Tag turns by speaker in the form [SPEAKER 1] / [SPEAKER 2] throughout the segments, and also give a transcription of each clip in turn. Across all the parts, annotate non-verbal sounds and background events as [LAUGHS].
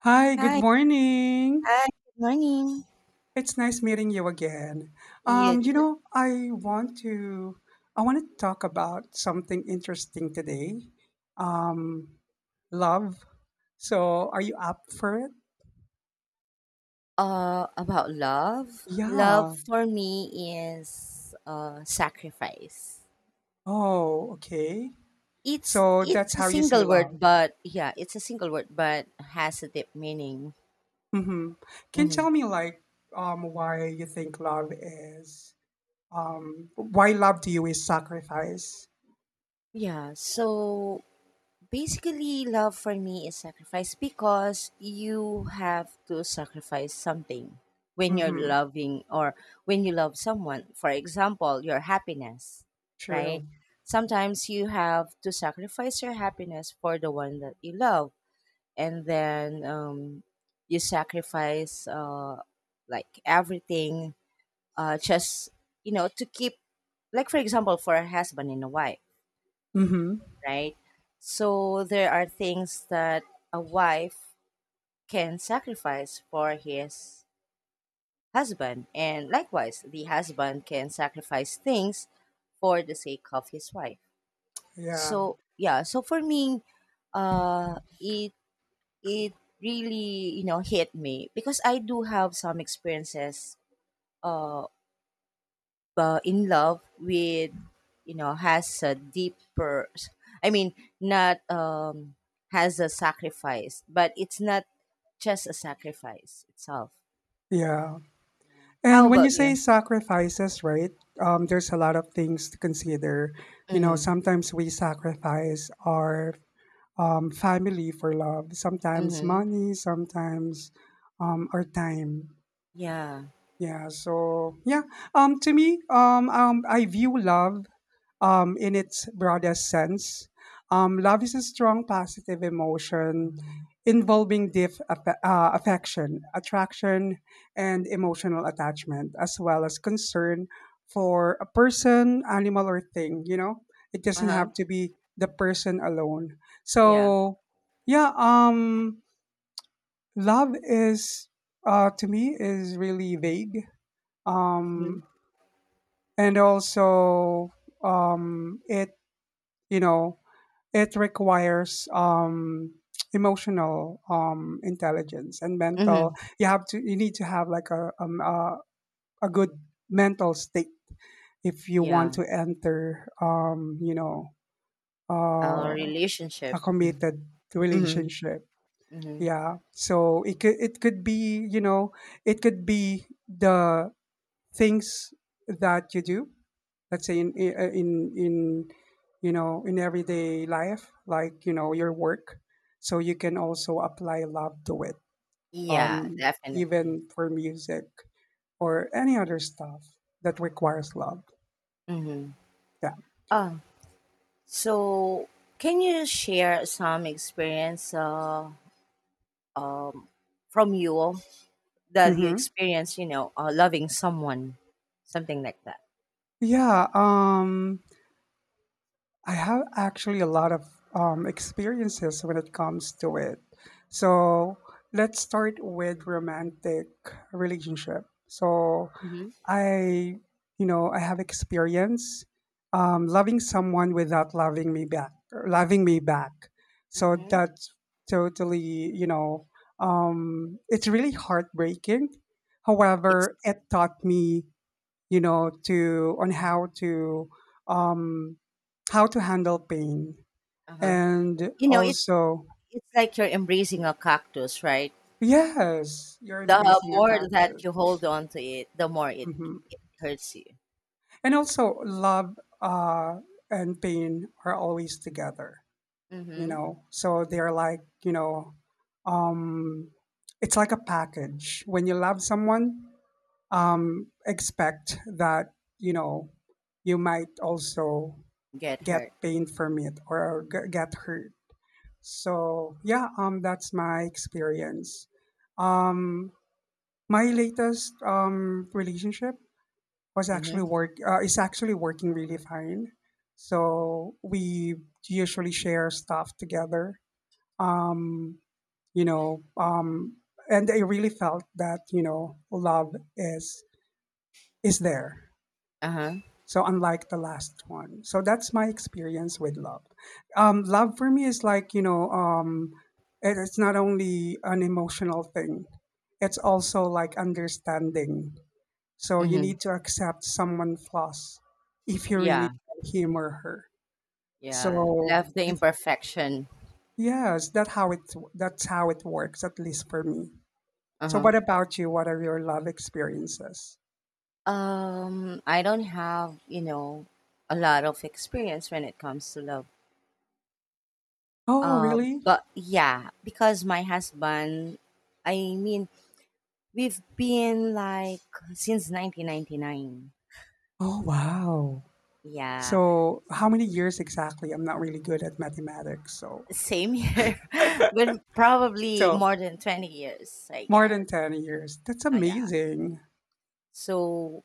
[SPEAKER 1] Hi, good
[SPEAKER 2] Hi,
[SPEAKER 1] morning.
[SPEAKER 2] hi, good morning.
[SPEAKER 1] It's nice meeting you again.
[SPEAKER 2] It's
[SPEAKER 1] I want to talk about something interesting today. Um, love. So, are you up for it?
[SPEAKER 2] about love. Love
[SPEAKER 1] Yeah.
[SPEAKER 2] for me is sacrifice.
[SPEAKER 1] Oh, okay.
[SPEAKER 2] It's
[SPEAKER 1] So that's
[SPEAKER 2] it's a
[SPEAKER 1] how you see
[SPEAKER 2] single word,
[SPEAKER 1] love.
[SPEAKER 2] but yeah, it's a single word, but has a deep meaning.
[SPEAKER 1] Mm-hmm. Can you
[SPEAKER 2] Hmm.
[SPEAKER 1] tell me like um why you think love is why love to you is sacrifice?
[SPEAKER 2] Yeah. So basically, love for me is sacrifice because you have to sacrifice something when you're
[SPEAKER 1] Mm-hmm.
[SPEAKER 2] loving or when you love someone. For example, your happiness, right?
[SPEAKER 1] True.
[SPEAKER 2] Sometimes you have to sacrifice your happiness for the one that you love, and then you sacrifice like everything just to keep, like for example, for a husband and a wife,
[SPEAKER 1] Mm-hmm.
[SPEAKER 2] right? So there are things that a wife can sacrifice for his husband, and likewise, the husband can sacrifice things for the sake of his wife.
[SPEAKER 1] Yeah.
[SPEAKER 2] So yeah, so for me, uh, it it really hit me because I do have some experiences. Uh, in love with has a deeper, I mean, not has a sacrifice but it's not just a sacrifice itself.
[SPEAKER 1] Yeah.
[SPEAKER 2] Yeah. How
[SPEAKER 1] And when
[SPEAKER 2] about
[SPEAKER 1] you say
[SPEAKER 2] you?
[SPEAKER 1] sacrifices, right? There's a lot of things to consider. You know,
[SPEAKER 2] Mm-hmm.
[SPEAKER 1] sometimes we sacrifice our family for love, sometimes
[SPEAKER 2] Mm-hmm.
[SPEAKER 1] money, sometimes our time.
[SPEAKER 2] Yeah.
[SPEAKER 1] Yeah. So yeah. To me, I view love, in its broadest sense. Love is a strong positive emotion involving deep affection, attraction, and emotional attachment, as well as concern for a person, animal, or thing. You know, it doesn't
[SPEAKER 2] Uh-huh.
[SPEAKER 1] have to be the person alone.
[SPEAKER 2] Yeah.
[SPEAKER 1] So yeah. Love is, to me, is really vague,
[SPEAKER 2] Mm-hmm.
[SPEAKER 1] um, and also it you know it requires emotional intelligence and mental.
[SPEAKER 2] Mm-hmm.
[SPEAKER 1] You need to have like a good mental state if you want
[SPEAKER 2] Yeah,
[SPEAKER 1] to enter
[SPEAKER 2] our
[SPEAKER 1] uh,
[SPEAKER 2] relationship.
[SPEAKER 1] a
[SPEAKER 2] Mm-hmm.
[SPEAKER 1] committed
[SPEAKER 2] Mm-hmm.
[SPEAKER 1] relationship.
[SPEAKER 2] Mm-hmm.
[SPEAKER 1] Yeah, so it could be you know it could be the things that you do. Let's say in in everyday life, like your work, so you can also apply love to it.
[SPEAKER 2] Yeah, definitely.
[SPEAKER 1] Even for music or any other stuff that requires love.
[SPEAKER 2] Mm-hmm.
[SPEAKER 1] Yeah.
[SPEAKER 2] Oh, so can you share some experience, um, from you that you
[SPEAKER 1] Hmm.
[SPEAKER 2] experience, loving someone, something like that?
[SPEAKER 1] Yeah. I have actually a lot of experiences when it comes to it. So let's start with romantic relationship. So
[SPEAKER 2] Hmm.
[SPEAKER 1] I, I have experience loving someone without loving me back, or loving me back. So
[SPEAKER 2] Hmm.
[SPEAKER 1] that's totally, it's really heartbreaking.
[SPEAKER 2] It's
[SPEAKER 1] However, it taught me, to on um, how to handle pain,
[SPEAKER 2] uh-huh.
[SPEAKER 1] and
[SPEAKER 2] You know,
[SPEAKER 1] also,
[SPEAKER 2] it's like you're embracing a cactus, right?
[SPEAKER 1] yes, you're
[SPEAKER 2] The
[SPEAKER 1] embracing a
[SPEAKER 2] more that
[SPEAKER 1] cactus.
[SPEAKER 2] you hold on to it, the more
[SPEAKER 1] Mhm.
[SPEAKER 2] it hurts you.
[SPEAKER 1] And also, love and pain are always together, you
[SPEAKER 2] Hmm.
[SPEAKER 1] know. So they're like, um, it's like a package. When you love someone, expect that, you know, you might also
[SPEAKER 2] Get
[SPEAKER 1] get
[SPEAKER 2] hurt.
[SPEAKER 1] pain from it or get hurt. So yeah, that's my experience. Um, my latest relationship was actually
[SPEAKER 2] Hmm.
[SPEAKER 1] work is actually working really fine. So we usually share stuff together. Um, you know, um, and I really felt that love is there.
[SPEAKER 2] Uh huh.
[SPEAKER 1] So unlike the last one, so that's my experience with love. Love for me is like it's not only an emotional thing; it's also like understanding, so you
[SPEAKER 2] Hmm.
[SPEAKER 1] need to accept someone flaws if you really
[SPEAKER 2] Yeah.
[SPEAKER 1] want him or her.
[SPEAKER 2] Yeah.
[SPEAKER 1] So
[SPEAKER 2] Love the
[SPEAKER 1] I think,
[SPEAKER 2] imperfection.
[SPEAKER 1] yes, that's how it works, at least for me.
[SPEAKER 2] Uh
[SPEAKER 1] So
[SPEAKER 2] huh.
[SPEAKER 1] what about you? What are your love experiences?
[SPEAKER 2] I don't have a lot of experience when it comes to love.
[SPEAKER 1] Oh,
[SPEAKER 2] Uh,
[SPEAKER 1] really?
[SPEAKER 2] but yeah, because my husband, I mean, we've been like since 1999.
[SPEAKER 1] Oh, wow.
[SPEAKER 2] Yeah,
[SPEAKER 1] So how many years exactly? I'm not really good at mathematics, so
[SPEAKER 2] same here, [LAUGHS] but probably
[SPEAKER 1] so
[SPEAKER 2] more than 20 years, I
[SPEAKER 1] more
[SPEAKER 2] guess.
[SPEAKER 1] than 10 years. That's
[SPEAKER 2] Yeah.
[SPEAKER 1] amazing.
[SPEAKER 2] So,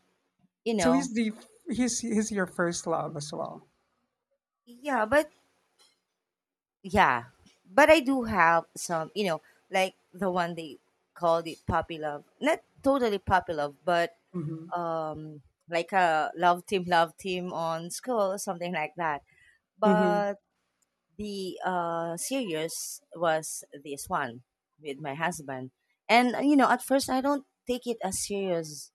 [SPEAKER 2] you
[SPEAKER 1] So
[SPEAKER 2] know,
[SPEAKER 1] he's the he's your first love as well.
[SPEAKER 2] yeah, but yeah, but I do have some, you know, like the one they called it puppy love. Not totally puppy love, but
[SPEAKER 1] Mm-hmm.
[SPEAKER 2] um, like a love team on school, something like that.
[SPEAKER 1] Mm-hmm.
[SPEAKER 2] But the series was this one with my husband and you know, at first I don't take it as serious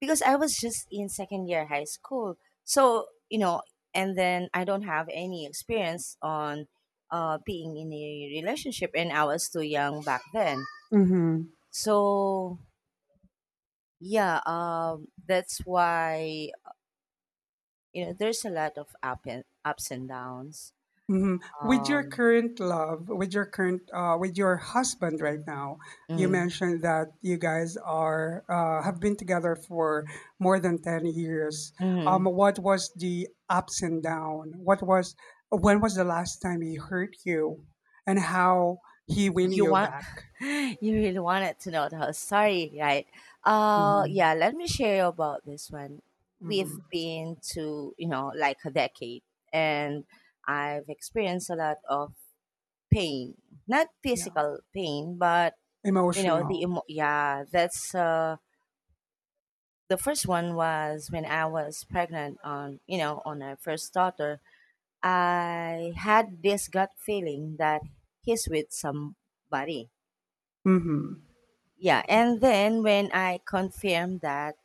[SPEAKER 2] because I was just in second year high school, so you know. And then I don't have any experience on being in a relationship, and I was too young back then.
[SPEAKER 1] Mm-hmm.
[SPEAKER 2] So yeah, that's why, you know, there's a lot of up and ups and downs.
[SPEAKER 1] Mhm.
[SPEAKER 2] um
[SPEAKER 1] With your husband right now, you
[SPEAKER 2] mm,
[SPEAKER 1] mentioned that you guys are have been together for more than 10 years.
[SPEAKER 2] mhm.
[SPEAKER 1] What was the ups and down? What was when was the last time he hurt you, and how he win
[SPEAKER 2] You
[SPEAKER 1] you
[SPEAKER 2] want
[SPEAKER 1] back?
[SPEAKER 2] [LAUGHS] you really wanted to know the whole story, right? Yeah,
[SPEAKER 1] Hmm.
[SPEAKER 2] let me share you about this one. We've
[SPEAKER 1] Hmm.
[SPEAKER 2] been to, you know, like a decade, and I've experienced a lot of pain. Not
[SPEAKER 1] Yeah,
[SPEAKER 2] physical pain, but you know the
[SPEAKER 1] emotional.
[SPEAKER 2] yeah, that's the first one was when I was pregnant on, you know, on our first daughter. I had this gut feeling that he's with somebody.
[SPEAKER 1] Hmm.
[SPEAKER 2] Yeah. And then when I confirmed that,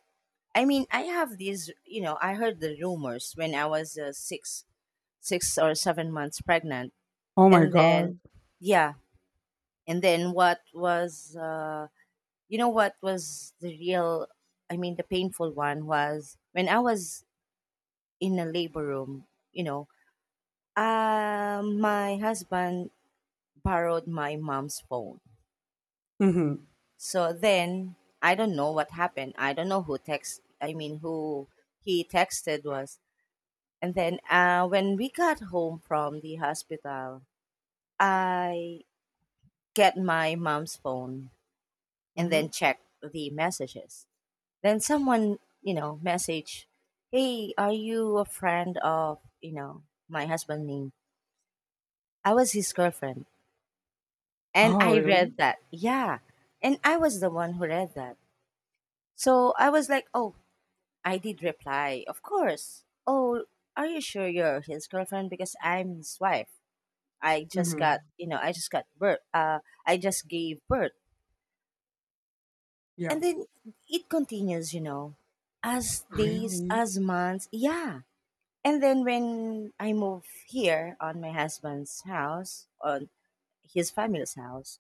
[SPEAKER 2] I mean, I have these, you know, I heard the rumors when I was 6 or 7 months pregnant.
[SPEAKER 1] Oh my
[SPEAKER 2] And then
[SPEAKER 1] god.
[SPEAKER 2] yeah, and then what was you know, what was the real, I mean, the painful one was when I was in a labor room, you know. My husband borrowed my mom's phone.
[SPEAKER 1] Hmm.
[SPEAKER 2] So then I don't know what happened. I don't know who text. I mean, who he texted was. And then when we got home from the hospital, I get my mom's phone and then
[SPEAKER 1] Hmm.
[SPEAKER 2] check the messages. Then someone, you know, message, "Hey, are you a friend of, you know, my husband name?" I was his girlfriend, and
[SPEAKER 1] Oh
[SPEAKER 2] I
[SPEAKER 1] really?
[SPEAKER 2] read that. Yeah, and I was the one who read that. So I was like, "Oh, I did reply, of course. Oh, are you sure you're his girlfriend? Because I'm his wife. I just
[SPEAKER 1] Hmm.
[SPEAKER 2] got, you know, I just got birth. I just gave birth."
[SPEAKER 1] Yeah,
[SPEAKER 2] And then it continues, you know, as days,
[SPEAKER 1] really.
[SPEAKER 2] as months. Yeah. And then when I move here on my husband's house, on his family's house,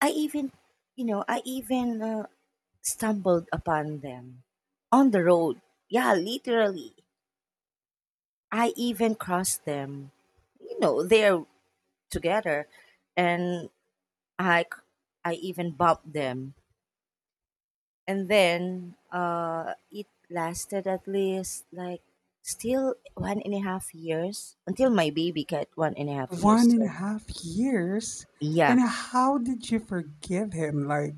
[SPEAKER 2] I even, you know, I even stumbled upon them on the road. Yeah, literally. I even crossed them. You know, they're together, and I c- I even bumped them. And then it lasted at least like still one and a half years until my baby got one and a half years.
[SPEAKER 1] One and a
[SPEAKER 2] So
[SPEAKER 1] half years?
[SPEAKER 2] yeah.
[SPEAKER 1] And how did you forgive him? Like,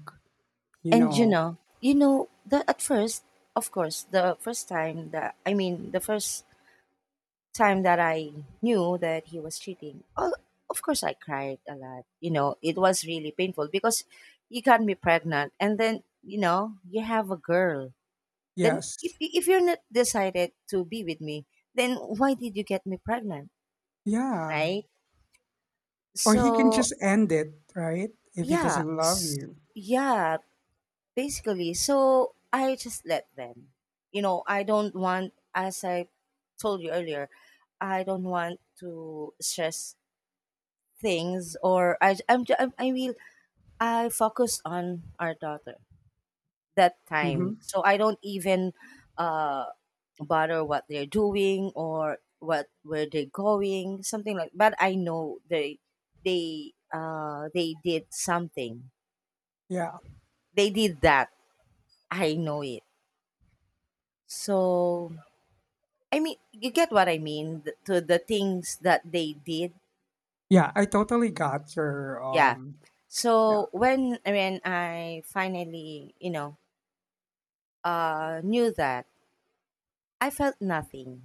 [SPEAKER 1] you
[SPEAKER 2] And
[SPEAKER 1] know,
[SPEAKER 2] you know the at first, of course, the first time that, I mean, the first time that I knew that he was cheating, oh, of course I cried a lot. You know, it was really painful because you got me pregnant, and then you know you have a girl. Then
[SPEAKER 1] yes.
[SPEAKER 2] if you're not decided to be with me, then why did you get me pregnant,
[SPEAKER 1] Yeah.
[SPEAKER 2] right?
[SPEAKER 1] Or he can
[SPEAKER 2] So
[SPEAKER 1] just end it, right? If he
[SPEAKER 2] yeah,
[SPEAKER 1] doesn't love you.
[SPEAKER 2] yeah, basically. So I just let them. You know, I don't want, as I told you earlier, I don't want to stress things. Or I I'm, ju- I'm I will I focus on our daughter that time.
[SPEAKER 1] Mm-hmm.
[SPEAKER 2] So I don't even uh bother what they're doing or what where they're going, something like. But I know they did something.
[SPEAKER 1] Yeah.
[SPEAKER 2] They did that. I know it. So I mean you get what I mean, to the things that they did.
[SPEAKER 1] Yeah. I totally got your,
[SPEAKER 2] Yeah.
[SPEAKER 1] yeah.
[SPEAKER 2] So when I finally, you know, knew that, I felt nothing.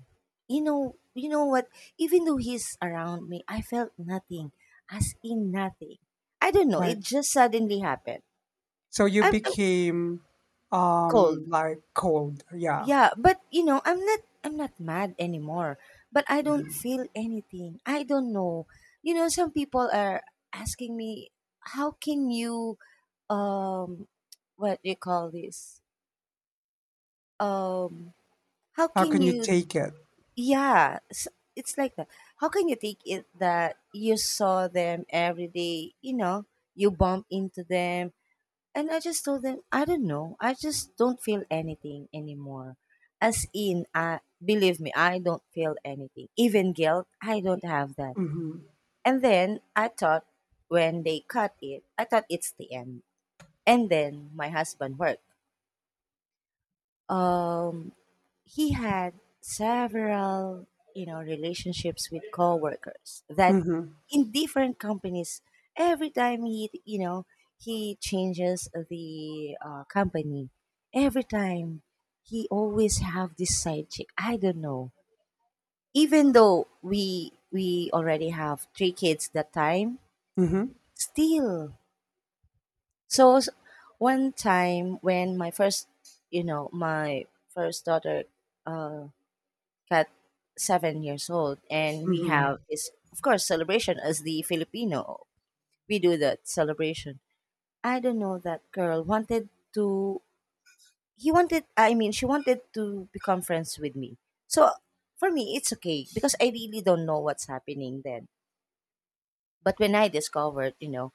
[SPEAKER 2] You know what? Even though he's around me, I felt nothing, as in nothing. I don't know.
[SPEAKER 1] Like,
[SPEAKER 2] It just suddenly happened.
[SPEAKER 1] so you
[SPEAKER 2] I'm
[SPEAKER 1] became,
[SPEAKER 2] cold.
[SPEAKER 1] like cold. Yeah.
[SPEAKER 2] Yeah, but you know, I'm not. I'm not mad anymore. But I don't
[SPEAKER 1] Hmm.
[SPEAKER 2] feel anything. I don't know. You know, some people are asking me, how can you um, what do you call this? Um, how
[SPEAKER 1] How
[SPEAKER 2] can
[SPEAKER 1] can you
[SPEAKER 2] you?
[SPEAKER 1] take it?
[SPEAKER 2] Yeah, s it's like that. How can you take it that you saw them every day? You know, you bump into them, and I just told them, I don't know, I just don't feel anything anymore. As in, I believe me, I don't feel anything, even guilt. I don't have that.
[SPEAKER 1] Mm-hmm.
[SPEAKER 2] And then I thought, when they cut it, I thought it's the end. And then my husband worked. Um, he had several, you know, relationships with coworkers that
[SPEAKER 1] Mm-hmm.
[SPEAKER 2] in different companies every time he, you know, he changes the company. Every time he always have this side chick. I don't know, even though we already have three kids that time.
[SPEAKER 1] Mm-hmm.
[SPEAKER 2] Still, so one time when my first, you know, my first daughter uh cat 7 years old, and we
[SPEAKER 1] Mm-hmm.
[SPEAKER 2] have this of course celebration as the Filipino, we do that celebration. I don't know, that girl wanted to, he wanted, I mean, she wanted to become friends with me. So for me it's okay because I really don't know what's happening then. But when I discovered, you know,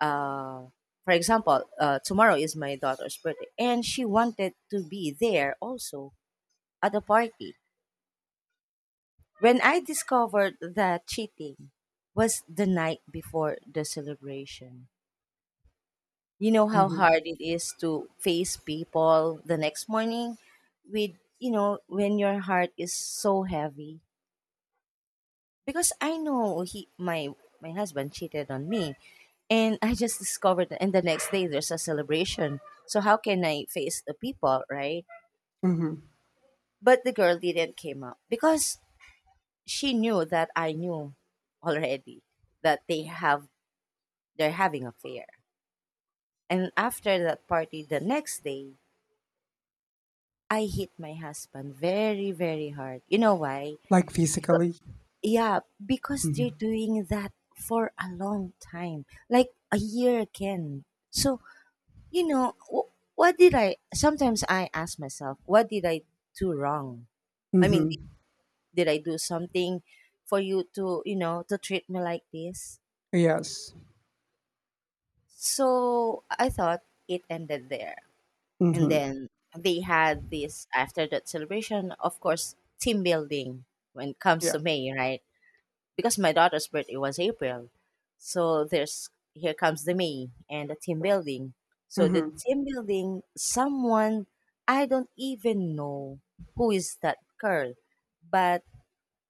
[SPEAKER 2] uh for example, tomorrow is my daughter's birthday and she wanted to be there also at the party. When I discovered that cheating was the night before the celebration, you know how
[SPEAKER 1] Mm-hmm.
[SPEAKER 2] hard it is to face people the next morning with, you know, when your heart is so heavy. Because I know my husband cheated on me. And I just discovered that. And the next day, there's a celebration. So how can I face the people, right?
[SPEAKER 1] Mm-hmm.
[SPEAKER 2] But the girl didn't came up because she knew that I knew already that they're having affair. And after that party, the next day, I hit my husband very, very hard. You know why?
[SPEAKER 1] Like
[SPEAKER 2] Becau-
[SPEAKER 1] physically.
[SPEAKER 2] yeah, because they're
[SPEAKER 1] Mm-hmm.
[SPEAKER 2] doing that for a long time, like a year again. So, you know, what did I, sometimes I ask myself, what did I do wrong? I mean,
[SPEAKER 1] Mm-hmm.
[SPEAKER 2] did I do something for you to, you know, to treat me like this?
[SPEAKER 1] Yes.
[SPEAKER 2] So I thought it ended there. And
[SPEAKER 1] Mm-hmm.
[SPEAKER 2] then they had this after that celebration of course team building when it comes
[SPEAKER 1] Yeah.
[SPEAKER 2] to May, right? Because my daughter's birthday was April, so there's here comes the May and the team building. So the
[SPEAKER 1] Mhm.
[SPEAKER 2] team building someone, I don't even know who is that girl, but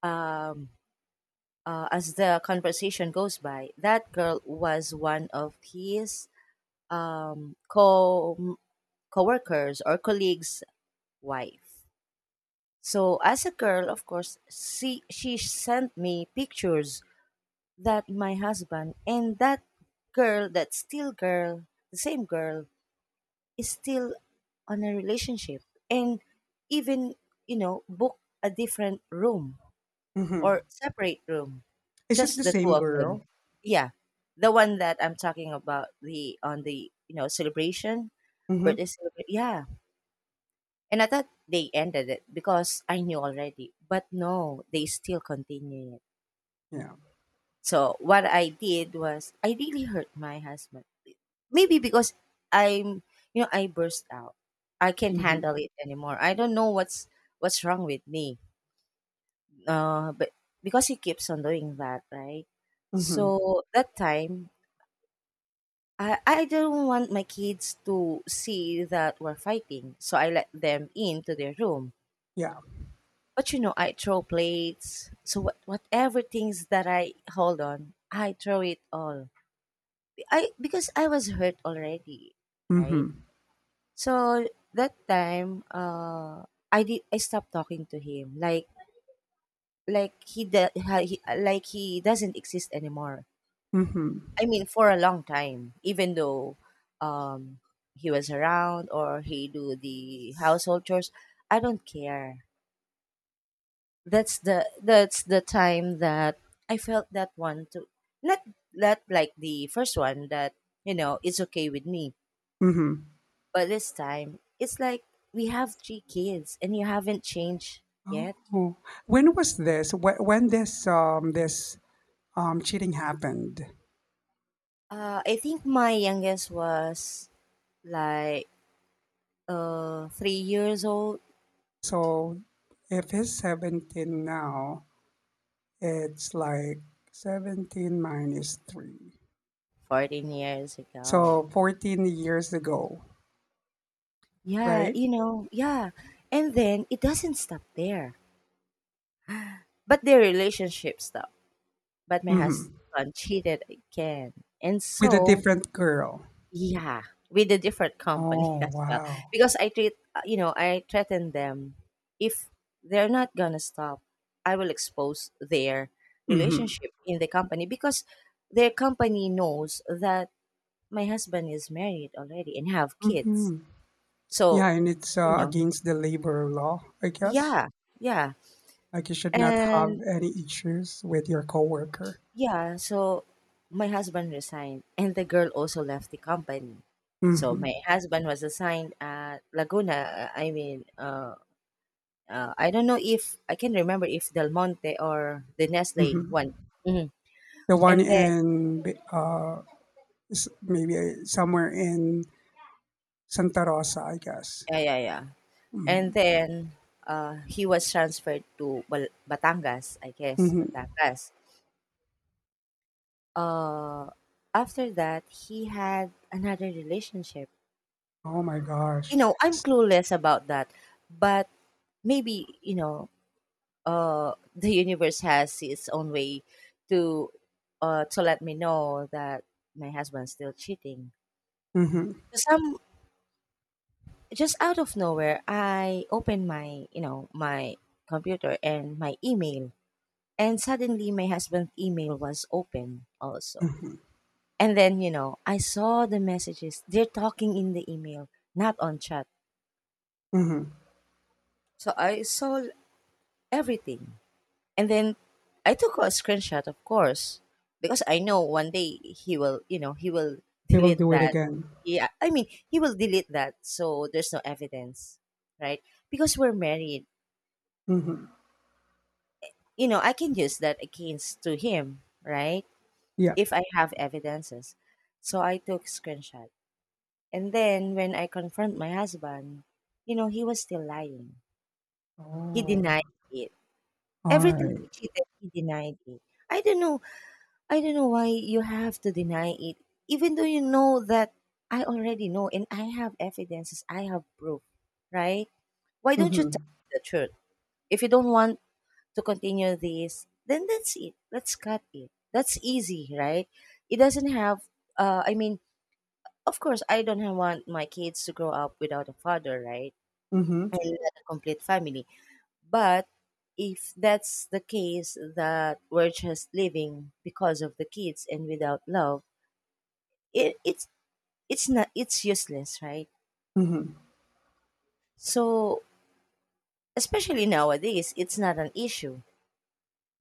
[SPEAKER 2] um as the conversation goes by, that girl was one of his co co-workers or colleagues wife. So as a girl, of course, she sent me pictures that my husband and that girl, that still girl, the same girl, is still on a relationship and even, you know, book a different room or
[SPEAKER 1] Mhm.
[SPEAKER 2] separate room,
[SPEAKER 1] Is it the
[SPEAKER 2] just the two
[SPEAKER 1] same
[SPEAKER 2] of them.
[SPEAKER 1] girl?
[SPEAKER 2] Yeah, the one that I'm talking about the on the, you know, celebration
[SPEAKER 1] Mhm.
[SPEAKER 2] birthday celebration. Yeah. And I thought they ended it because I knew already. But no, they still continue it.
[SPEAKER 1] Yeah.
[SPEAKER 2] So what I did was I really hurt my husband. Maybe because I'm, you know, I burst out. I can't
[SPEAKER 1] Mhm.
[SPEAKER 2] handle it anymore. I don't know what's wrong with me. Uh, but because he keeps on doing that, right?
[SPEAKER 1] Mhm.
[SPEAKER 2] So that time, I don't want my kids to see that we're fighting. So I let them into their room.
[SPEAKER 1] Yeah.
[SPEAKER 2] But you know, I throw plates. So what, whatever things that I hold on, I throw it all. I because I was hurt already, right?
[SPEAKER 1] Mhm.
[SPEAKER 2] So that time, I did. I stopped talking to him. Like he, de- ha- he like he doesn't exist anymore.
[SPEAKER 1] Mhm.
[SPEAKER 2] I mean, for a long time, even though um, he was around or he do the household chores, I don't care. That's the time that I felt that one too. Not that like the first one that you know it's okay with me,
[SPEAKER 1] Mhm.
[SPEAKER 2] but this time it's like we have three kids and you haven't changed yet.
[SPEAKER 1] Oh. When was this? When this cheating happened?
[SPEAKER 2] I think my youngest was like 3 years old,
[SPEAKER 1] So if he's 17 now, it's like 17 minus 3.
[SPEAKER 2] 14 years ago.
[SPEAKER 1] So 14 years ago,
[SPEAKER 2] Yeah,
[SPEAKER 1] right?
[SPEAKER 2] you know, yeah, and then it doesn't stop there, but their relationship stopped. But my
[SPEAKER 1] Mhm.
[SPEAKER 2] husband cheated again. And
[SPEAKER 1] With a
[SPEAKER 2] so
[SPEAKER 1] different girl.
[SPEAKER 2] yeah, with a different company [LAUGHS]
[SPEAKER 1] Oh,
[SPEAKER 2] as well.
[SPEAKER 1] wow.
[SPEAKER 2] Because I treat, you know, I threaten them if they're not gonna stop, I will expose their
[SPEAKER 1] Mhm.
[SPEAKER 2] relationship in the company because their company knows that my husband is married already and have kids.
[SPEAKER 1] Mhm.
[SPEAKER 2] So,
[SPEAKER 1] Yeah, and it's
[SPEAKER 2] you know,
[SPEAKER 1] against the labor law, I guess.
[SPEAKER 2] yeah, yeah.
[SPEAKER 1] Like you should not
[SPEAKER 2] And
[SPEAKER 1] have any issues with your coworker.
[SPEAKER 2] yeah, so my husband resigned and the girl also left the company. So
[SPEAKER 1] Hmm.
[SPEAKER 2] my husband was assigned at Laguna, uh, I mean, uh, I don't know if I can remember if Del Monte or the Nestle
[SPEAKER 1] Hmm.
[SPEAKER 2] one. Mhm.
[SPEAKER 1] The one
[SPEAKER 2] And then
[SPEAKER 1] in maybe somewhere in Santa Rosa, I guess.
[SPEAKER 2] yeah, yeah, yeah. And
[SPEAKER 1] Hmm.
[SPEAKER 2] then he was transferred to Batangas, I guess,
[SPEAKER 1] Hmm.
[SPEAKER 2] Batangas. Uh, After that, he had another relationship.
[SPEAKER 1] Oh my
[SPEAKER 2] You
[SPEAKER 1] gosh.
[SPEAKER 2] know, I'm clueless about that, but maybe you know, [LAUGHS] the universe has its own way to to let me know that my husband's still cheating.
[SPEAKER 1] Hmm.
[SPEAKER 2] So some just out of nowhere, I opened my, you know, my computer and my email. And suddenly my husband's email was open also.
[SPEAKER 1] Hmm.
[SPEAKER 2] And then, you know, I saw the messages. They're talking in the email, not on chat.
[SPEAKER 1] Hmm.
[SPEAKER 2] So I saw everything. And then I took a screenshot, of course, because I know one day he will, you know, he will [LAUGHS]
[SPEAKER 1] They will
[SPEAKER 2] delete
[SPEAKER 1] do it
[SPEAKER 2] that.
[SPEAKER 1] again.
[SPEAKER 2] Yeah, I mean, he will delete that. So there's no evidence, right? Because we're married,
[SPEAKER 1] Hmm.
[SPEAKER 2] you know, I can use that against to him, right?
[SPEAKER 1] Yeah.
[SPEAKER 2] If I have evidences. So I took screenshot. And then when I confront my husband, you know, he was still lying. He
[SPEAKER 1] Oh.
[SPEAKER 2] denied it.
[SPEAKER 1] All
[SPEAKER 2] Every time he
[SPEAKER 1] right.
[SPEAKER 2] cheated, he denied it. I don't know. I don't know why you have to deny it. Even though you know that I already know and I have evidences, I have proof, right? Why don't you
[SPEAKER 1] Mm-hmm.
[SPEAKER 2] tell me the truth? If you don't want to continue this, then that's it. Let's cut it. That's easy, right? It doesn't have, I mean, of course, I don't have- want my kids to grow up without a father, right?
[SPEAKER 1] Mm-hmm.
[SPEAKER 2] And not a complete family. But if that's the case that we're just living because of the kids and without love, it's it's not it's useless, right?
[SPEAKER 1] Mm-hmm.
[SPEAKER 2] So especially nowadays, it's not an issue,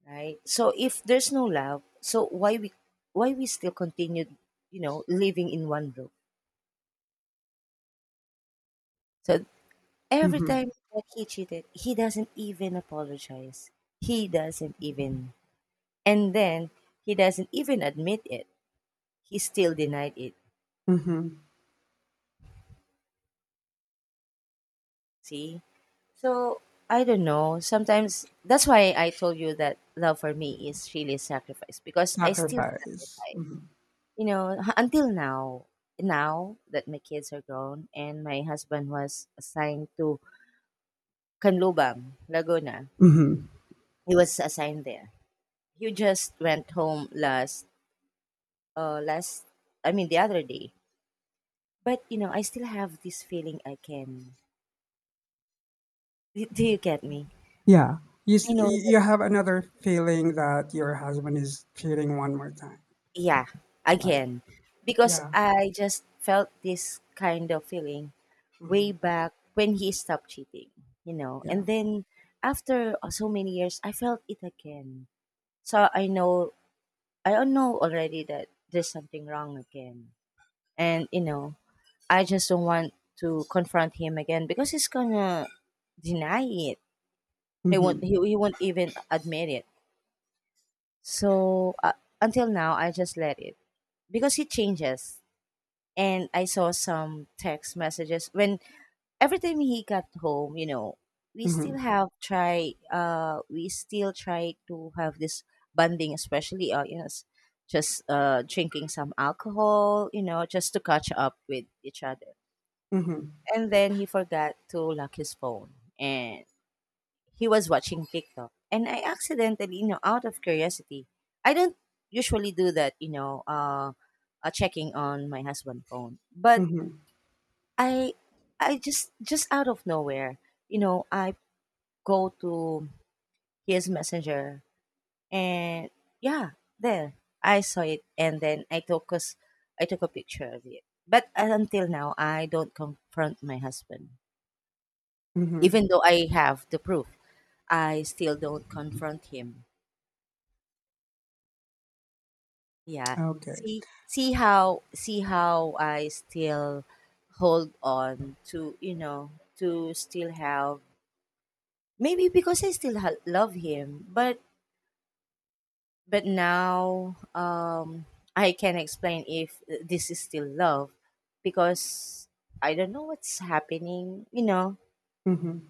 [SPEAKER 2] right? So if there's no love, so why we still continue, you know, living in one room? So every
[SPEAKER 1] Mm-hmm.
[SPEAKER 2] time that he cheated, he doesn't even apologize. He doesn't even, and then he doesn't even admit it. He still denied it.
[SPEAKER 1] Mm-hmm.
[SPEAKER 2] See, so I don't know. Sometimes that's why I told you that love for me is really sacrifice because I still
[SPEAKER 1] Sacrifice.
[SPEAKER 2] sacrifice.
[SPEAKER 1] Mm-hmm.
[SPEAKER 2] Until now, now that my kids are grown and my husband was assigned to Canlubang, Laguna.
[SPEAKER 1] Mm-hmm.
[SPEAKER 2] He was assigned there. He just went home last last, I mean, the other day. But you know, I still have this feeling I can do you get me?
[SPEAKER 1] Yeah,
[SPEAKER 2] I know that,
[SPEAKER 1] you have another feeling that your husband is cheating one more time.
[SPEAKER 2] yeah,
[SPEAKER 1] Like,
[SPEAKER 2] again. Because
[SPEAKER 1] yeah,
[SPEAKER 2] I just felt this kind of feeling way
[SPEAKER 1] mhm,
[SPEAKER 2] back when he stopped cheating, you know.
[SPEAKER 1] yeah,
[SPEAKER 2] And then after so many years, I felt it again. So I know, I don't know already that there's something wrong again. And, you know, I just don't want to confront him again because he's gonna deny it. He won't,
[SPEAKER 1] mhm,
[SPEAKER 2] he, he won't even admit it. So until now, I just let it because he changes. And I saw some text messages when every time he got home, you know,
[SPEAKER 1] mhm,
[SPEAKER 2] we still try to have this bonding, especially you know, just drinking some alcohol, you know, just to catch up with each other.
[SPEAKER 1] mhm,
[SPEAKER 2] And then he forgot to lock his phone and he was watching TikTok. And I accidentally, you know, out of curiosity, I don't usually do that, you know, checking on my husband's phone. But
[SPEAKER 1] mhm,
[SPEAKER 2] I I just out of nowhere, you know, I go to his messenger and yeah, there I saw it. And then I took a picture of it. But until now I don't confront my husband.
[SPEAKER 1] mhm.
[SPEAKER 2] Even though I have the proof, I still don't confront him. Yeah.
[SPEAKER 1] Okay,
[SPEAKER 2] See, see how I still hold on to, you know, to still have, maybe because love him. But now, I can explain if this is still love because I don't know what's happening. You know,
[SPEAKER 1] mhm,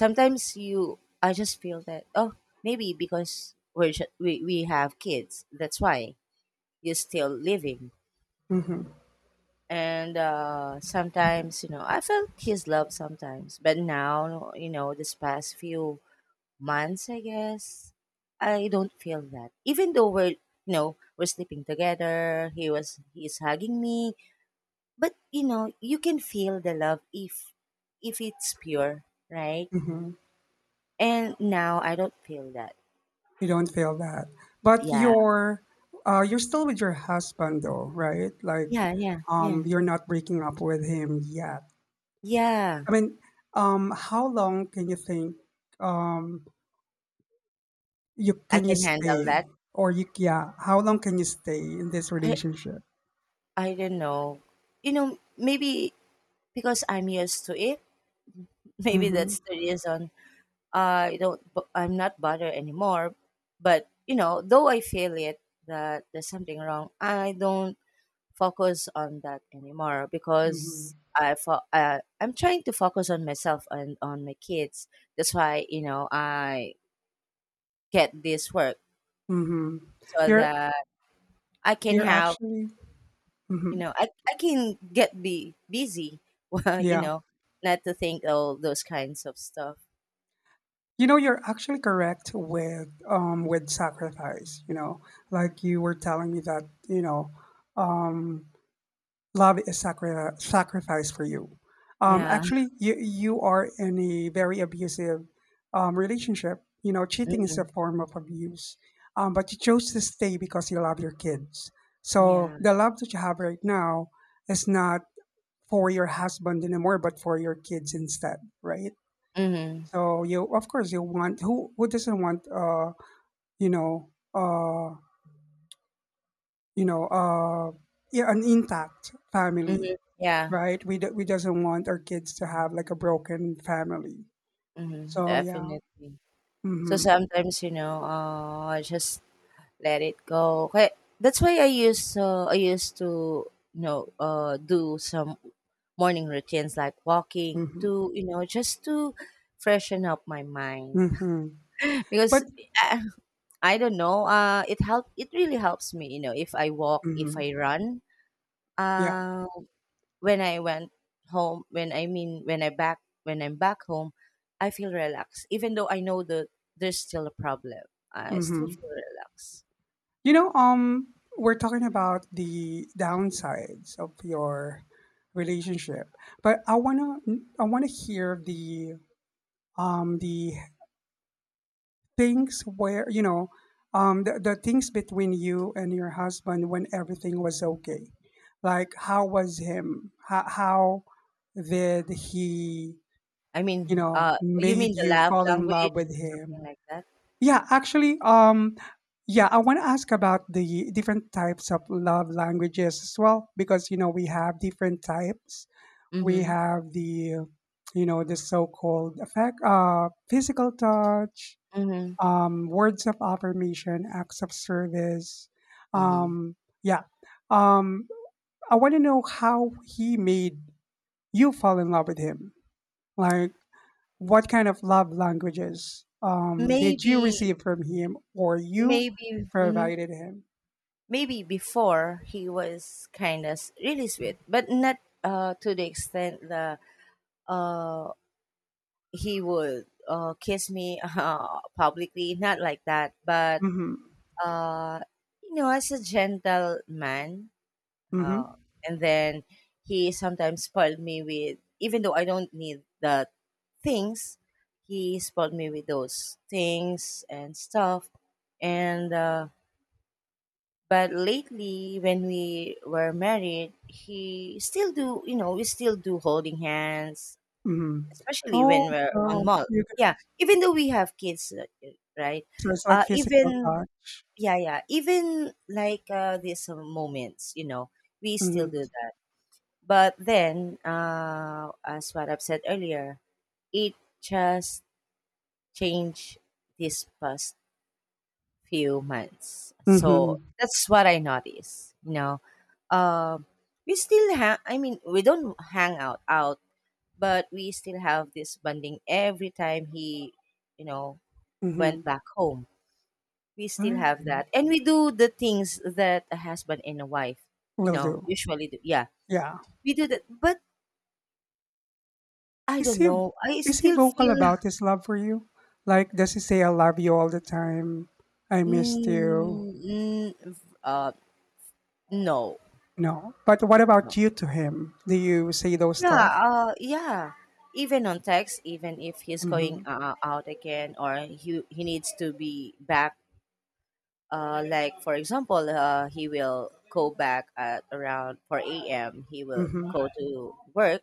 [SPEAKER 2] sometimes you I just feel that, oh, maybe because we have kids, that's why you're still living.
[SPEAKER 1] mhm,
[SPEAKER 2] And sometimes you know I felt his love sometimes, but now you know this past few months, I guess, I don't feel that. Even though we're, you know, we're sleeping together, he's hugging me, but you know, you can feel the love if it's pure, right?
[SPEAKER 1] mhm.
[SPEAKER 2] And now I don't feel that.
[SPEAKER 1] You don't feel that, but
[SPEAKER 2] Yeah.
[SPEAKER 1] you're still with your husband though, right? Like,
[SPEAKER 2] Yeah, yeah, yeah.
[SPEAKER 1] you're not breaking up with him yet.
[SPEAKER 2] Yeah,
[SPEAKER 1] I mean, how long can you think? Um, You
[SPEAKER 2] I
[SPEAKER 1] can you
[SPEAKER 2] can handle
[SPEAKER 1] stay?
[SPEAKER 2] that.
[SPEAKER 1] Or you yeah, how long can you stay in this
[SPEAKER 2] I
[SPEAKER 1] relationship?
[SPEAKER 2] I don't know. You know, maybe because I'm used to it, [LAUGHS]
[SPEAKER 1] Mm.
[SPEAKER 2] maybe
[SPEAKER 1] Mhm.
[SPEAKER 2] that's the reason. I don't bu- I'm not bothered anymore. But you know, though I feel it that there's something wrong, I don't focus on that anymore
[SPEAKER 1] Mm. Mm.
[SPEAKER 2] because
[SPEAKER 1] Mhm.
[SPEAKER 2] I'm trying to focus on myself and on my kids. That's why you know I get this work
[SPEAKER 1] Mhm.
[SPEAKER 2] so
[SPEAKER 1] You're
[SPEAKER 2] that I can
[SPEAKER 1] you're
[SPEAKER 2] have,
[SPEAKER 1] actually. Mm.
[SPEAKER 2] you
[SPEAKER 1] Mhm.
[SPEAKER 2] know, I can get be busy. [LAUGHS] Well, you
[SPEAKER 1] Yeah.
[SPEAKER 2] know, not to think all those kinds of stuff.
[SPEAKER 1] You know, you're actually correct with sacrifice. Like you were telling me that, um love is sacrifice for you.
[SPEAKER 2] Yeah.
[SPEAKER 1] Actually, you are in a very abusive relationship. You know, cheating is a
[SPEAKER 2] Mhm.
[SPEAKER 1] form of abuse, but you chose to stay because you love your kids. So
[SPEAKER 2] Yeah.
[SPEAKER 1] the love that you have right now is not for your husband anymore, but for your kids instead, right?
[SPEAKER 2] Hmm.
[SPEAKER 1] So you, of course, you want who doesn't want you know uh. you know, uh, yeah, an intact family,
[SPEAKER 2] Hmm. Yeah.
[SPEAKER 1] right? We doesn't want our kids to have like a broken family.
[SPEAKER 2] Mhm,
[SPEAKER 1] So yeah,
[SPEAKER 2] definitely. So
[SPEAKER 1] mm-hmm,
[SPEAKER 2] sometimes, you know, I just let it go. Okay, that's why I used to, you know, do some morning routines like walking
[SPEAKER 1] mm-hmm,
[SPEAKER 2] to, you know, just to freshen up my mind
[SPEAKER 1] mm-hmm.
[SPEAKER 2] [LAUGHS] because
[SPEAKER 1] But
[SPEAKER 2] uh, I don't know, it really helps me, you know, if I walk, if I
[SPEAKER 1] mm-hmm,
[SPEAKER 2] run.
[SPEAKER 1] yeah,
[SPEAKER 2] Uh, when I went home, when I back when I'm back home, I feel relaxed. Even though I know that there's still a problem, I still
[SPEAKER 1] mm-hmm.
[SPEAKER 2] feel relaxed.
[SPEAKER 1] You know, we're talking about the downsides of your relationship, but I wanna hear the um the things where you know the things between you and your husband when everything was okay, like how was him how did he
[SPEAKER 2] I mean, you
[SPEAKER 1] made
[SPEAKER 2] mean the
[SPEAKER 1] you
[SPEAKER 2] love
[SPEAKER 1] fall in love
[SPEAKER 2] language,
[SPEAKER 1] with him.
[SPEAKER 2] something like that?
[SPEAKER 1] Yeah, actually, yeah I want to ask about the different types of love languages as well, because we have different types. We
[SPEAKER 2] Mm-hmm.
[SPEAKER 1] have the so-called affect physical touch,
[SPEAKER 2] Mm-hmm.
[SPEAKER 1] words of affirmation, acts of service.
[SPEAKER 2] Mm-hmm.
[SPEAKER 1] Um, yeah. Um, I want to know how he made you fall in love with him. Like, what kind of love languages did you
[SPEAKER 2] Maybe,
[SPEAKER 1] receive from him or you
[SPEAKER 2] maybe, mhm.
[SPEAKER 1] provided him?
[SPEAKER 2] Maybe before he was kind of really sweet, but not to the extent that uh he would kiss me [LAUGHS] publicly, not like that, but
[SPEAKER 1] Mm-hmm.
[SPEAKER 2] uh, you know, as a gentleman. Uh,
[SPEAKER 1] Mm-hmm.
[SPEAKER 2] and then he sometimes spoiled me with, even though I don't need the things, he spoiled me with those things and stuff. And, but lately when we were married, he still do, you know, we still do holding hands,
[SPEAKER 1] Mm-hmm.
[SPEAKER 2] especially
[SPEAKER 1] Oh,
[SPEAKER 2] when we're on
[SPEAKER 1] so
[SPEAKER 2] mall.
[SPEAKER 1] you
[SPEAKER 2] Yeah.
[SPEAKER 1] guys.
[SPEAKER 2] Even though we have kids, right?
[SPEAKER 1] So it's like physical
[SPEAKER 2] Even
[SPEAKER 1] touch.
[SPEAKER 2] yeah, yeah. Even like these moments, you know, we still
[SPEAKER 1] Mm-hmm.
[SPEAKER 2] do that. But then, as what I've said earlier, it just changed this past few months. So
[SPEAKER 1] Mm-hmm.
[SPEAKER 2] that's what I noticed. You know, Um we still have. I mean, we don't hang out out, but we still have this bonding every time he, you know, went
[SPEAKER 1] Mm-hmm.
[SPEAKER 2] back home. We still have
[SPEAKER 1] Okay.
[SPEAKER 2] that. And we do the things that a husband and a wife, you
[SPEAKER 1] Will
[SPEAKER 2] know,
[SPEAKER 1] do.
[SPEAKER 2] usually do. Yeah.
[SPEAKER 1] Yeah.
[SPEAKER 2] We do that. But I
[SPEAKER 1] Is
[SPEAKER 2] don't
[SPEAKER 1] he
[SPEAKER 2] know. I
[SPEAKER 1] is he
[SPEAKER 2] still
[SPEAKER 1] vocal
[SPEAKER 2] feel
[SPEAKER 1] about his love for you? Like, does he say I love you all the time? I missed you.
[SPEAKER 2] mm, mm, v- uh no.
[SPEAKER 1] No. But what
[SPEAKER 2] No.
[SPEAKER 1] about you to him? Do you say those
[SPEAKER 2] Yeah,
[SPEAKER 1] stuff?
[SPEAKER 2] yeah. Even on text, even if he's going
[SPEAKER 1] Mm-hmm.
[SPEAKER 2] out again or he needs to be back like for example, he will go back at around 4 a.m. He will
[SPEAKER 1] Mm-hmm.
[SPEAKER 2] go to work.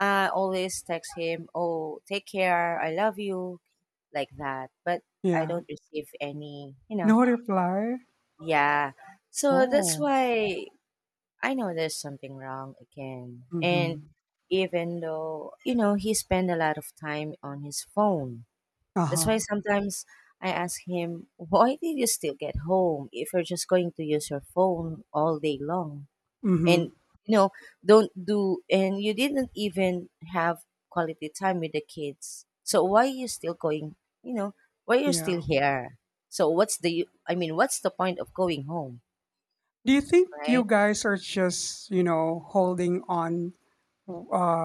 [SPEAKER 2] I always text him, "Oh, take care. I love you," like that. But I
[SPEAKER 1] Yeah.
[SPEAKER 2] don't receive any, you know.
[SPEAKER 1] No reply?
[SPEAKER 2] Yeah. So that's
[SPEAKER 1] Oh.
[SPEAKER 2] why I know there's something wrong again. And
[SPEAKER 1] Mm-hmm.
[SPEAKER 2] even though, you know, he spend a lot of time on his phone. That's why
[SPEAKER 1] Uh-huh.
[SPEAKER 2] sometimes I ask him, "Why did you still get home if you're just going to use your phone all day long?"
[SPEAKER 1] Mm-hmm.
[SPEAKER 2] And you know, don't do and you didn't even have quality time with the kids, so why you still going, you know, why you still
[SPEAKER 1] Yeah.
[SPEAKER 2] here, so what's the what's the point of going home,
[SPEAKER 1] Do you think
[SPEAKER 2] right?
[SPEAKER 1] you guys are just, holding on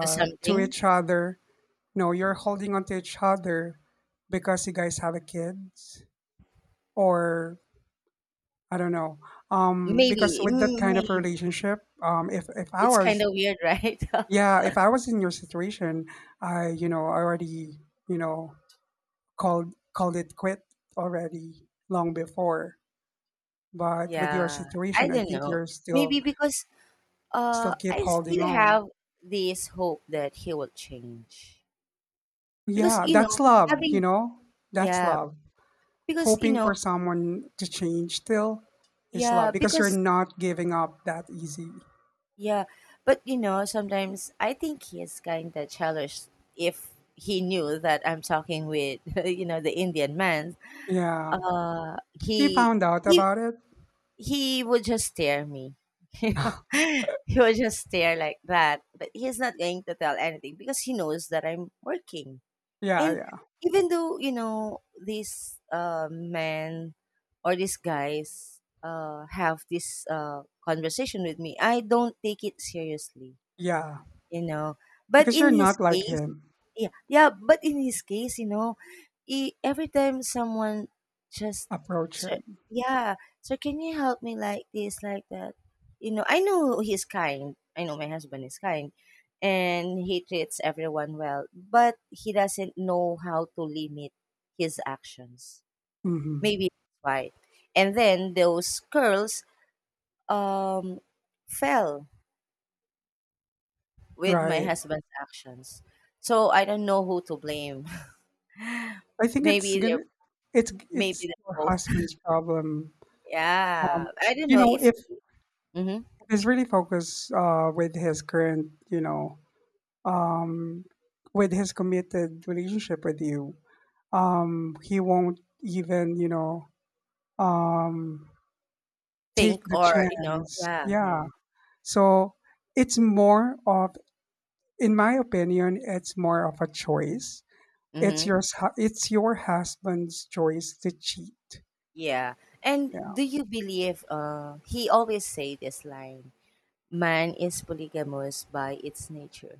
[SPEAKER 2] To
[SPEAKER 1] to
[SPEAKER 2] something.
[SPEAKER 1] each other? No, you're holding on to each other because you guys have a kids? Or I don't know. Because
[SPEAKER 2] Maybe,
[SPEAKER 1] with that
[SPEAKER 2] mm,
[SPEAKER 1] kind of
[SPEAKER 2] maybe.
[SPEAKER 1] relationship, if I
[SPEAKER 2] It's kind
[SPEAKER 1] was,
[SPEAKER 2] of weird, right?
[SPEAKER 1] yeah, if I was in your situation, I already, you know, called it quit already long before.
[SPEAKER 2] [LAUGHS]
[SPEAKER 1] But with your
[SPEAKER 2] Yeah, I
[SPEAKER 1] situation, I
[SPEAKER 2] don't
[SPEAKER 1] think
[SPEAKER 2] know,
[SPEAKER 1] you're
[SPEAKER 2] maybe because
[SPEAKER 1] still keep
[SPEAKER 2] I
[SPEAKER 1] holding
[SPEAKER 2] still
[SPEAKER 1] on.
[SPEAKER 2] have this hope that he will change, because
[SPEAKER 1] Yeah,
[SPEAKER 2] you know,
[SPEAKER 1] that's love, you
[SPEAKER 2] having.
[SPEAKER 1] know? That's
[SPEAKER 2] Yeah,
[SPEAKER 1] love.
[SPEAKER 2] because you
[SPEAKER 1] Hoping
[SPEAKER 2] know.
[SPEAKER 1] for someone to change still is
[SPEAKER 2] Yeah,
[SPEAKER 1] love because you're
[SPEAKER 2] because.
[SPEAKER 1] not giving up that easy.
[SPEAKER 2] Yeah, but you know, sometimes I think he is kind of childish if he knew that I'm talking with, [LAUGHS] you know, the Indian man.
[SPEAKER 1] Yeah.
[SPEAKER 2] Uh,
[SPEAKER 1] He
[SPEAKER 2] he
[SPEAKER 1] found out
[SPEAKER 2] he
[SPEAKER 1] about it.
[SPEAKER 2] he would just stare me. [LAUGHS] You know, he would just stare like that, but he's not going to tell anything because he knows that I'm working.
[SPEAKER 1] Yeah,
[SPEAKER 2] And
[SPEAKER 1] yeah.
[SPEAKER 2] even though, you know, these men or these guys have this conversation with me, I don't take it seriously
[SPEAKER 1] Yeah,
[SPEAKER 2] you know. But
[SPEAKER 1] because you're
[SPEAKER 2] in his
[SPEAKER 1] not like
[SPEAKER 2] case,
[SPEAKER 1] him.
[SPEAKER 2] yeah, yeah. But in his case, you know, he, every time someone just,
[SPEAKER 1] Approach
[SPEAKER 2] sir,
[SPEAKER 1] him.
[SPEAKER 2] yeah, sir, can you help me like this, like that? You know, I know he's kind. I know my husband is kind, and he treats everyone well. But he doesn't know how to limit his actions.
[SPEAKER 1] Mhm.
[SPEAKER 2] Maybe that's why. And then those girls um fell with my
[SPEAKER 1] Right.
[SPEAKER 2] husband's actions. So I don't know who to blame. [LAUGHS]
[SPEAKER 1] I think it's
[SPEAKER 2] Maybe they're
[SPEAKER 1] gonna
[SPEAKER 2] Maybe
[SPEAKER 1] it's
[SPEAKER 2] they're
[SPEAKER 1] your
[SPEAKER 2] both. [LAUGHS]
[SPEAKER 1] husband's problem. Um,
[SPEAKER 2] Yeah, I don't
[SPEAKER 1] you
[SPEAKER 2] know
[SPEAKER 1] know,
[SPEAKER 2] if
[SPEAKER 1] if
[SPEAKER 2] you, mhm,
[SPEAKER 1] he's really focused with his current, um with his committed relationship with you, he won't even, um take
[SPEAKER 2] think
[SPEAKER 1] the
[SPEAKER 2] or you know.
[SPEAKER 1] chance.
[SPEAKER 2] Yeah,
[SPEAKER 1] Yeah.
[SPEAKER 2] yeah,
[SPEAKER 1] So it's more of in my opinion, it's more of a choice. It's your
[SPEAKER 2] hmm,
[SPEAKER 1] s- hu- it's your husband's choice to cheat.
[SPEAKER 2] yeah. And
[SPEAKER 1] Yeah.
[SPEAKER 2] do you believe? He always say this line: "Man is polygamous by its nature."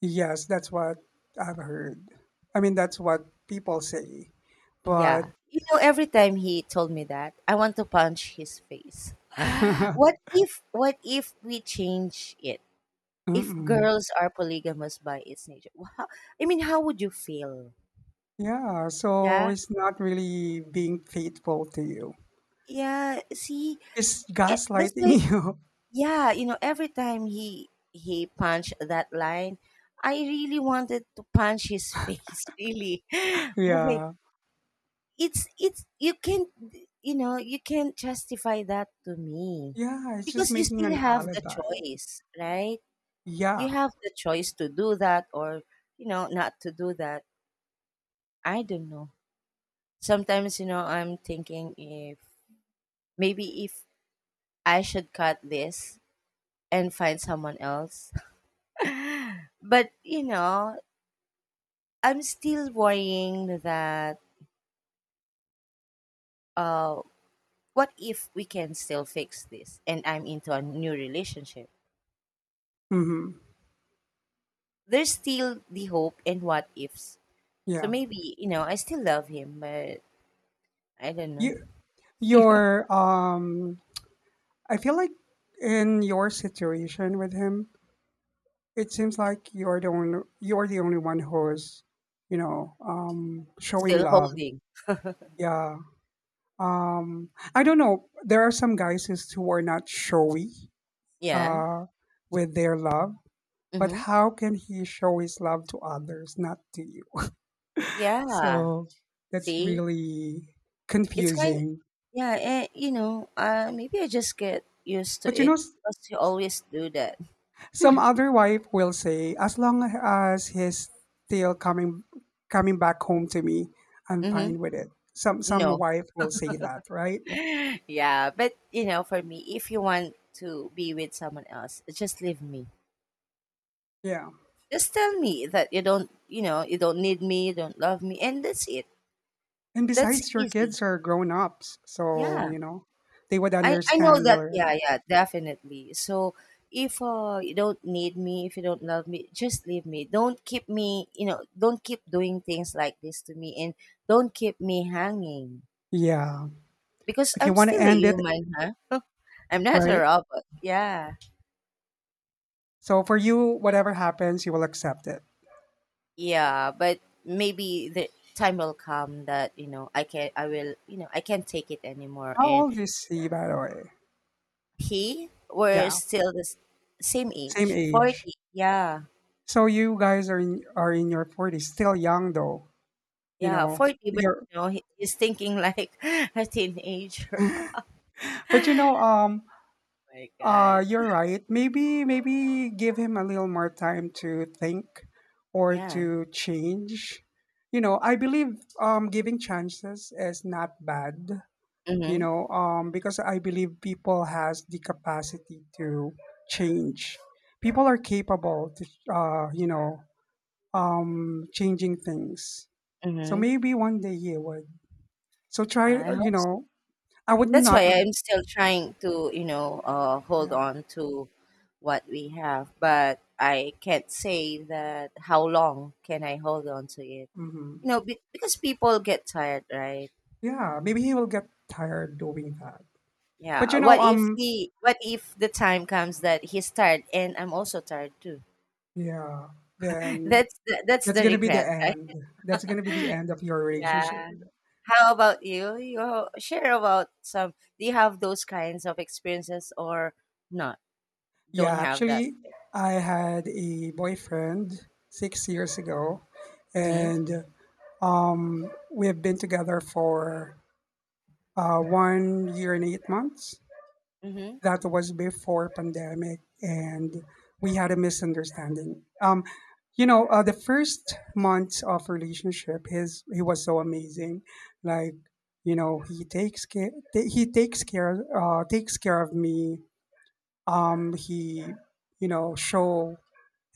[SPEAKER 1] Yes, that's what I've heard. I mean, that's what people say.
[SPEAKER 2] Yeah,
[SPEAKER 1] But
[SPEAKER 2] you know. Every time he told me that, I want to punch his face. [GASPS]
[SPEAKER 1] [LAUGHS]
[SPEAKER 2] What if? What if we change it? If
[SPEAKER 1] mm-mm.
[SPEAKER 2] girls are polygamous by its nature, wow, I mean, how would you feel?
[SPEAKER 1] Yeah, so
[SPEAKER 2] Yeah,
[SPEAKER 1] he's not really being faithful to you.
[SPEAKER 2] yeah. See,
[SPEAKER 1] He's
[SPEAKER 2] eh, that's
[SPEAKER 1] gaslighting
[SPEAKER 2] why.
[SPEAKER 1] [LAUGHS] you.
[SPEAKER 2] Yeah, you know, every time he punched that line, I really wanted to punch his [LAUGHS] face. Really, oh my,
[SPEAKER 1] Yeah.
[SPEAKER 2] it's you can't, you know, you can't justify that to me
[SPEAKER 1] Yeah, it's just
[SPEAKER 2] because you
[SPEAKER 1] making
[SPEAKER 2] still
[SPEAKER 1] an
[SPEAKER 2] have the
[SPEAKER 1] alibi.
[SPEAKER 2] choice, right? You
[SPEAKER 1] Yeah.
[SPEAKER 2] have the choice to do that or, you know, not to do that. I don't know. Sometimes, you know, I'm thinking if, maybe if I should cut this and find someone else. [LAUGHS] But, you know, I'm still worrying that uh what if we can still fix this and I'm into a new relationship?
[SPEAKER 1] Mm-hmm.
[SPEAKER 2] There's still the hope and what ifs. So
[SPEAKER 1] Yeah.
[SPEAKER 2] maybe, you know, I still love him, but I don't know.
[SPEAKER 1] You your I feel like in your situation with him, it seems like you're the only one who's showing
[SPEAKER 2] Still
[SPEAKER 1] love.
[SPEAKER 2] holding.
[SPEAKER 1] Yeah, I don't know, there are some guys who are not showy
[SPEAKER 2] Yeah.
[SPEAKER 1] uh with their love. But
[SPEAKER 2] Mhm.
[SPEAKER 1] how can he show his love to others, not to you?
[SPEAKER 2] Yeah.
[SPEAKER 1] So that's
[SPEAKER 2] See?
[SPEAKER 1] really
[SPEAKER 2] It's kind.
[SPEAKER 1] confusing.
[SPEAKER 2] Yeah, and you know, maybe I just get used to
[SPEAKER 1] But you
[SPEAKER 2] it
[SPEAKER 1] know
[SPEAKER 2] because you always do that.
[SPEAKER 1] Some other wife will say, as long as he's still coming back home to me, I'm
[SPEAKER 2] Mm-hmm.
[SPEAKER 1] fine with it. Some
[SPEAKER 2] No.
[SPEAKER 1] wife will say that, right?
[SPEAKER 2] [LAUGHS] Yeah, but you know, for me, if you want to be with someone else, just leave me.
[SPEAKER 1] Yeah.
[SPEAKER 2] Just tell me that you don't, you know, you don't need me, you don't love me, and that's it.
[SPEAKER 1] And
[SPEAKER 2] That's
[SPEAKER 1] besides, your
[SPEAKER 2] easy.
[SPEAKER 1] kids are grown ups, so
[SPEAKER 2] Yeah.
[SPEAKER 1] they would
[SPEAKER 2] I know
[SPEAKER 1] understand
[SPEAKER 2] that. Yeah,
[SPEAKER 1] already.
[SPEAKER 2] yeah, definitely. So if you don't need me, if you don't love me, just leave me. Don't keep me, you know, don't keep doing things like this to me, and don't keep me hanging
[SPEAKER 1] Yeah.
[SPEAKER 2] because
[SPEAKER 1] If you
[SPEAKER 2] I'm
[SPEAKER 1] want to
[SPEAKER 2] still a
[SPEAKER 1] end it,
[SPEAKER 2] human, huh? [LAUGHS] I'm not a
[SPEAKER 1] right?
[SPEAKER 2] robot. Yeah,
[SPEAKER 1] So for you, whatever happens, you will accept it.
[SPEAKER 2] yeah, but maybe the time will come that you know I can, I will, you know, I can't take it anymore.
[SPEAKER 1] How
[SPEAKER 2] And
[SPEAKER 1] old is he, by the way?
[SPEAKER 2] he, we're
[SPEAKER 1] Yeah,
[SPEAKER 2] still the same
[SPEAKER 1] same
[SPEAKER 2] age,
[SPEAKER 1] age.
[SPEAKER 2] 40. Yeah.
[SPEAKER 1] So you guys are in your forties, still young though. You
[SPEAKER 2] Yeah,
[SPEAKER 1] know,
[SPEAKER 2] 40, but
[SPEAKER 1] you're
[SPEAKER 2] you know, he's thinking like [LAUGHS] a teenager. [LAUGHS]
[SPEAKER 1] but you know,
[SPEAKER 2] My God.
[SPEAKER 1] You're right. Maybe give him a little more time to think or
[SPEAKER 2] Yeah.
[SPEAKER 1] to change. You know, I believe giving chances is not bad,
[SPEAKER 2] Mm-hmm.
[SPEAKER 1] because I believe people has the capacity to change. People are capable to uh, you know, changing things. So
[SPEAKER 2] Mm-hmm.
[SPEAKER 1] maybe one day he would. So try,
[SPEAKER 2] I hope so.
[SPEAKER 1] I would
[SPEAKER 2] That's
[SPEAKER 1] not
[SPEAKER 2] why
[SPEAKER 1] ad-
[SPEAKER 2] I'm still trying to, you know, hold
[SPEAKER 1] yeah.
[SPEAKER 2] on to what we have, but I can't say that how long can I hold on to it.
[SPEAKER 1] hmm
[SPEAKER 2] You know, because people get tired, right?
[SPEAKER 1] yeah, maybe he will get tired doing that. But
[SPEAKER 2] Yeah.
[SPEAKER 1] you know,
[SPEAKER 2] What if he? What if the time comes that he's tired and I'm also tired too?
[SPEAKER 1] yeah,
[SPEAKER 2] [LAUGHS]
[SPEAKER 1] then
[SPEAKER 2] That's
[SPEAKER 1] that's
[SPEAKER 2] the
[SPEAKER 1] gonna be the
[SPEAKER 2] regret,
[SPEAKER 1] end. That's gonna be the
[SPEAKER 2] right? [LAUGHS]
[SPEAKER 1] end of your relationship.
[SPEAKER 2] Yeah. How about you? You share about some. Do you have those kinds of experiences or not? Don't
[SPEAKER 1] Yeah,
[SPEAKER 2] have that.
[SPEAKER 1] actually, I had a boyfriend 6 years ago,
[SPEAKER 2] Mhm.
[SPEAKER 1] and we have been together for 1 year and 8 months.
[SPEAKER 2] Mhm.
[SPEAKER 1] That was before pandemic, and we had a misunderstanding. The first months of relationship, his he was so amazing. Like, you know he takes care of me. He, show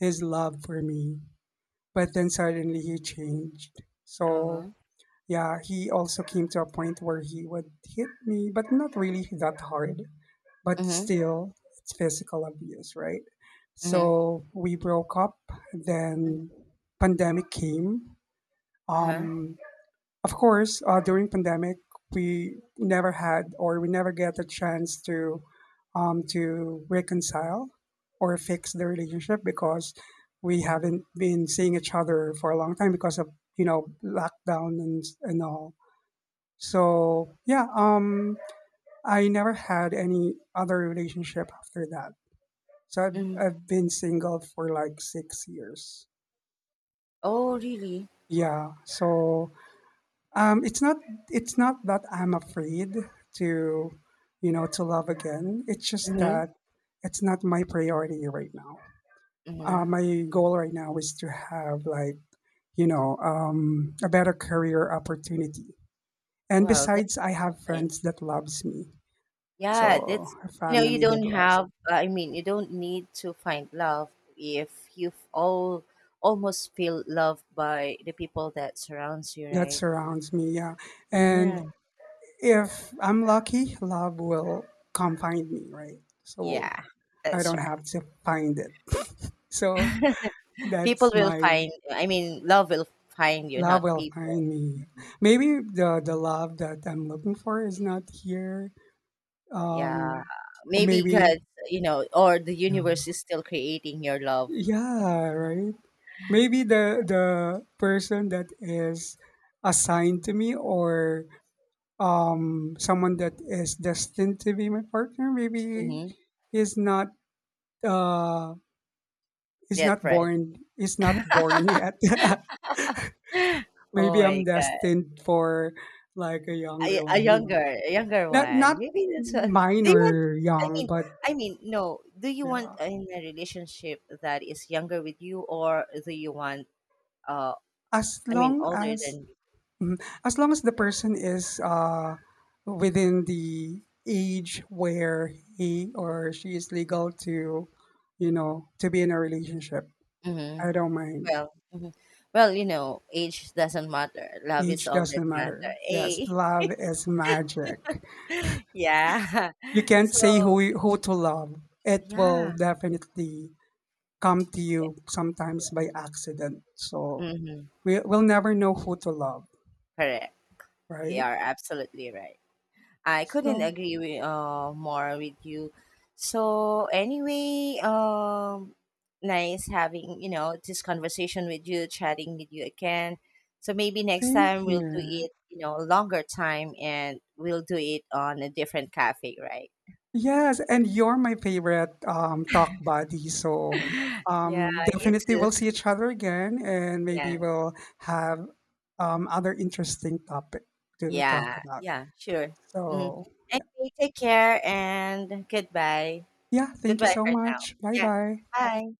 [SPEAKER 1] his love for me, but then suddenly he changed.
[SPEAKER 2] Uh huh.
[SPEAKER 1] So yeah, he also came to a point where he would hit me, but not really that hard. But
[SPEAKER 2] Mhm.
[SPEAKER 1] still, it's physical abuse, right?
[SPEAKER 2] Mhm.
[SPEAKER 1] So we broke up,
[SPEAKER 2] Mhm.
[SPEAKER 1] then pandemic came.
[SPEAKER 2] Uh huh.
[SPEAKER 1] um, of course, during pandemic we never had, or we never get a chance to reconcile or fix the relationship, because we haven't been seeing each other for a long time because of, you know, lockdown and all. So yeah, I never had any other relationship after that. So I've,
[SPEAKER 2] Mhm.
[SPEAKER 1] I've been single for like 6 years.
[SPEAKER 2] Oh, really?
[SPEAKER 1] Yeah. So um, it's not it's not that I'm afraid to, you know, to love again. It's just
[SPEAKER 2] Mhm.
[SPEAKER 1] that it's not my priority right now.
[SPEAKER 2] Mhm.
[SPEAKER 1] My goal right now is to have, like, a better career opportunity. And
[SPEAKER 2] Well, that's
[SPEAKER 1] besides, I have
[SPEAKER 2] fine.
[SPEAKER 1] friends that loves me.
[SPEAKER 2] Yeah,
[SPEAKER 1] So
[SPEAKER 2] that's,
[SPEAKER 1] a
[SPEAKER 2] you know, you
[SPEAKER 1] family
[SPEAKER 2] don't
[SPEAKER 1] that loves
[SPEAKER 2] have. You don't need to find love if you've all almost feel loved by the people that surrounds you,
[SPEAKER 1] me, that
[SPEAKER 2] right?
[SPEAKER 1] surrounds me. Yeah. And
[SPEAKER 2] Yeah.
[SPEAKER 1] if I'm lucky, love will come find me, right? So
[SPEAKER 2] Yeah,
[SPEAKER 1] I
[SPEAKER 2] that's
[SPEAKER 1] don't
[SPEAKER 2] right.
[SPEAKER 1] have to find it. [LAUGHS] So
[SPEAKER 2] People
[SPEAKER 1] that's
[SPEAKER 2] will
[SPEAKER 1] my
[SPEAKER 2] find I mean, Love will find you,
[SPEAKER 1] love
[SPEAKER 2] not
[SPEAKER 1] will
[SPEAKER 2] people.
[SPEAKER 1] find me.
[SPEAKER 2] Mhm.
[SPEAKER 1] Maybe the love that I'm looking for is not here. Um,
[SPEAKER 2] Yeah.
[SPEAKER 1] or
[SPEAKER 2] Maybe God,
[SPEAKER 1] maybe,
[SPEAKER 2] you know, or the
[SPEAKER 1] yeah,
[SPEAKER 2] universe is still creating your love.
[SPEAKER 1] yeah, right. Maybe the person that is assigned to me, or someone that is destined to be my partner, maybe
[SPEAKER 2] Mm-hmm.
[SPEAKER 1] is not uh
[SPEAKER 2] Yet ready. [GASPS]
[SPEAKER 1] is not born yet. [LAUGHS]
[SPEAKER 2] [LAUGHS] Oh
[SPEAKER 1] Maybe
[SPEAKER 2] my
[SPEAKER 1] I'm
[SPEAKER 2] God.
[SPEAKER 1] destined for, like, a younger one, you know.
[SPEAKER 2] A younger
[SPEAKER 1] Not
[SPEAKER 2] one.
[SPEAKER 1] not
[SPEAKER 2] Maybe that's what,
[SPEAKER 1] mine
[SPEAKER 2] do you want,
[SPEAKER 1] or
[SPEAKER 2] I
[SPEAKER 1] young,
[SPEAKER 2] mean,
[SPEAKER 1] but
[SPEAKER 2] I mean, No. Do you want
[SPEAKER 1] yeah.
[SPEAKER 2] in a relationship that is younger with you or do you want, uh,
[SPEAKER 1] As long
[SPEAKER 2] older
[SPEAKER 1] as,
[SPEAKER 2] than
[SPEAKER 1] mhm. as long as the person is within the age where he or she is legal to, you know, to be in a relationship.
[SPEAKER 2] you?
[SPEAKER 1] I don't mind.
[SPEAKER 2] Well, mhm. Well, you know, age doesn't matter. Love is
[SPEAKER 1] Age
[SPEAKER 2] all that
[SPEAKER 1] doesn't
[SPEAKER 2] matter.
[SPEAKER 1] matter. Yes,
[SPEAKER 2] Eh,
[SPEAKER 1] love is magic.
[SPEAKER 2] [LAUGHS] yeah.
[SPEAKER 1] You
[SPEAKER 2] [LAUGHS]
[SPEAKER 1] can't say
[SPEAKER 2] So,
[SPEAKER 1] who to love. It will
[SPEAKER 2] yeah.
[SPEAKER 1] definitely come to
[SPEAKER 2] Yeah,
[SPEAKER 1] you, sometimes by accident. So
[SPEAKER 2] yeah. Hmm.
[SPEAKER 1] we will never know who to love,
[SPEAKER 2] Correct. You
[SPEAKER 1] right?
[SPEAKER 2] are absolutely right. I couldn't
[SPEAKER 1] So
[SPEAKER 2] agree with, more with you. So, anyway, nice having, you know, this conversation with you, chatting with you again. So maybe next
[SPEAKER 1] same
[SPEAKER 2] time we'll do
[SPEAKER 1] here.
[SPEAKER 2] it, you know, longer time and we'll do it on a different cafe, right?
[SPEAKER 1] Yes, and you're my favorite talk buddy. So
[SPEAKER 2] [LAUGHS] Yeah, you
[SPEAKER 1] definitely
[SPEAKER 2] too.
[SPEAKER 1] we'll see each other again, and maybe
[SPEAKER 2] Yeah,
[SPEAKER 1] we'll have other interesting topic to talk
[SPEAKER 2] yeah,
[SPEAKER 1] about.
[SPEAKER 2] yeah, sure. Hmm.
[SPEAKER 1] So yeah,
[SPEAKER 2] Anyway, take care and goodbye.
[SPEAKER 1] yeah. Thank you
[SPEAKER 2] Goodbye
[SPEAKER 1] so
[SPEAKER 2] for now.
[SPEAKER 1] much. Bye
[SPEAKER 2] Yeah,
[SPEAKER 1] bye.
[SPEAKER 2] bye.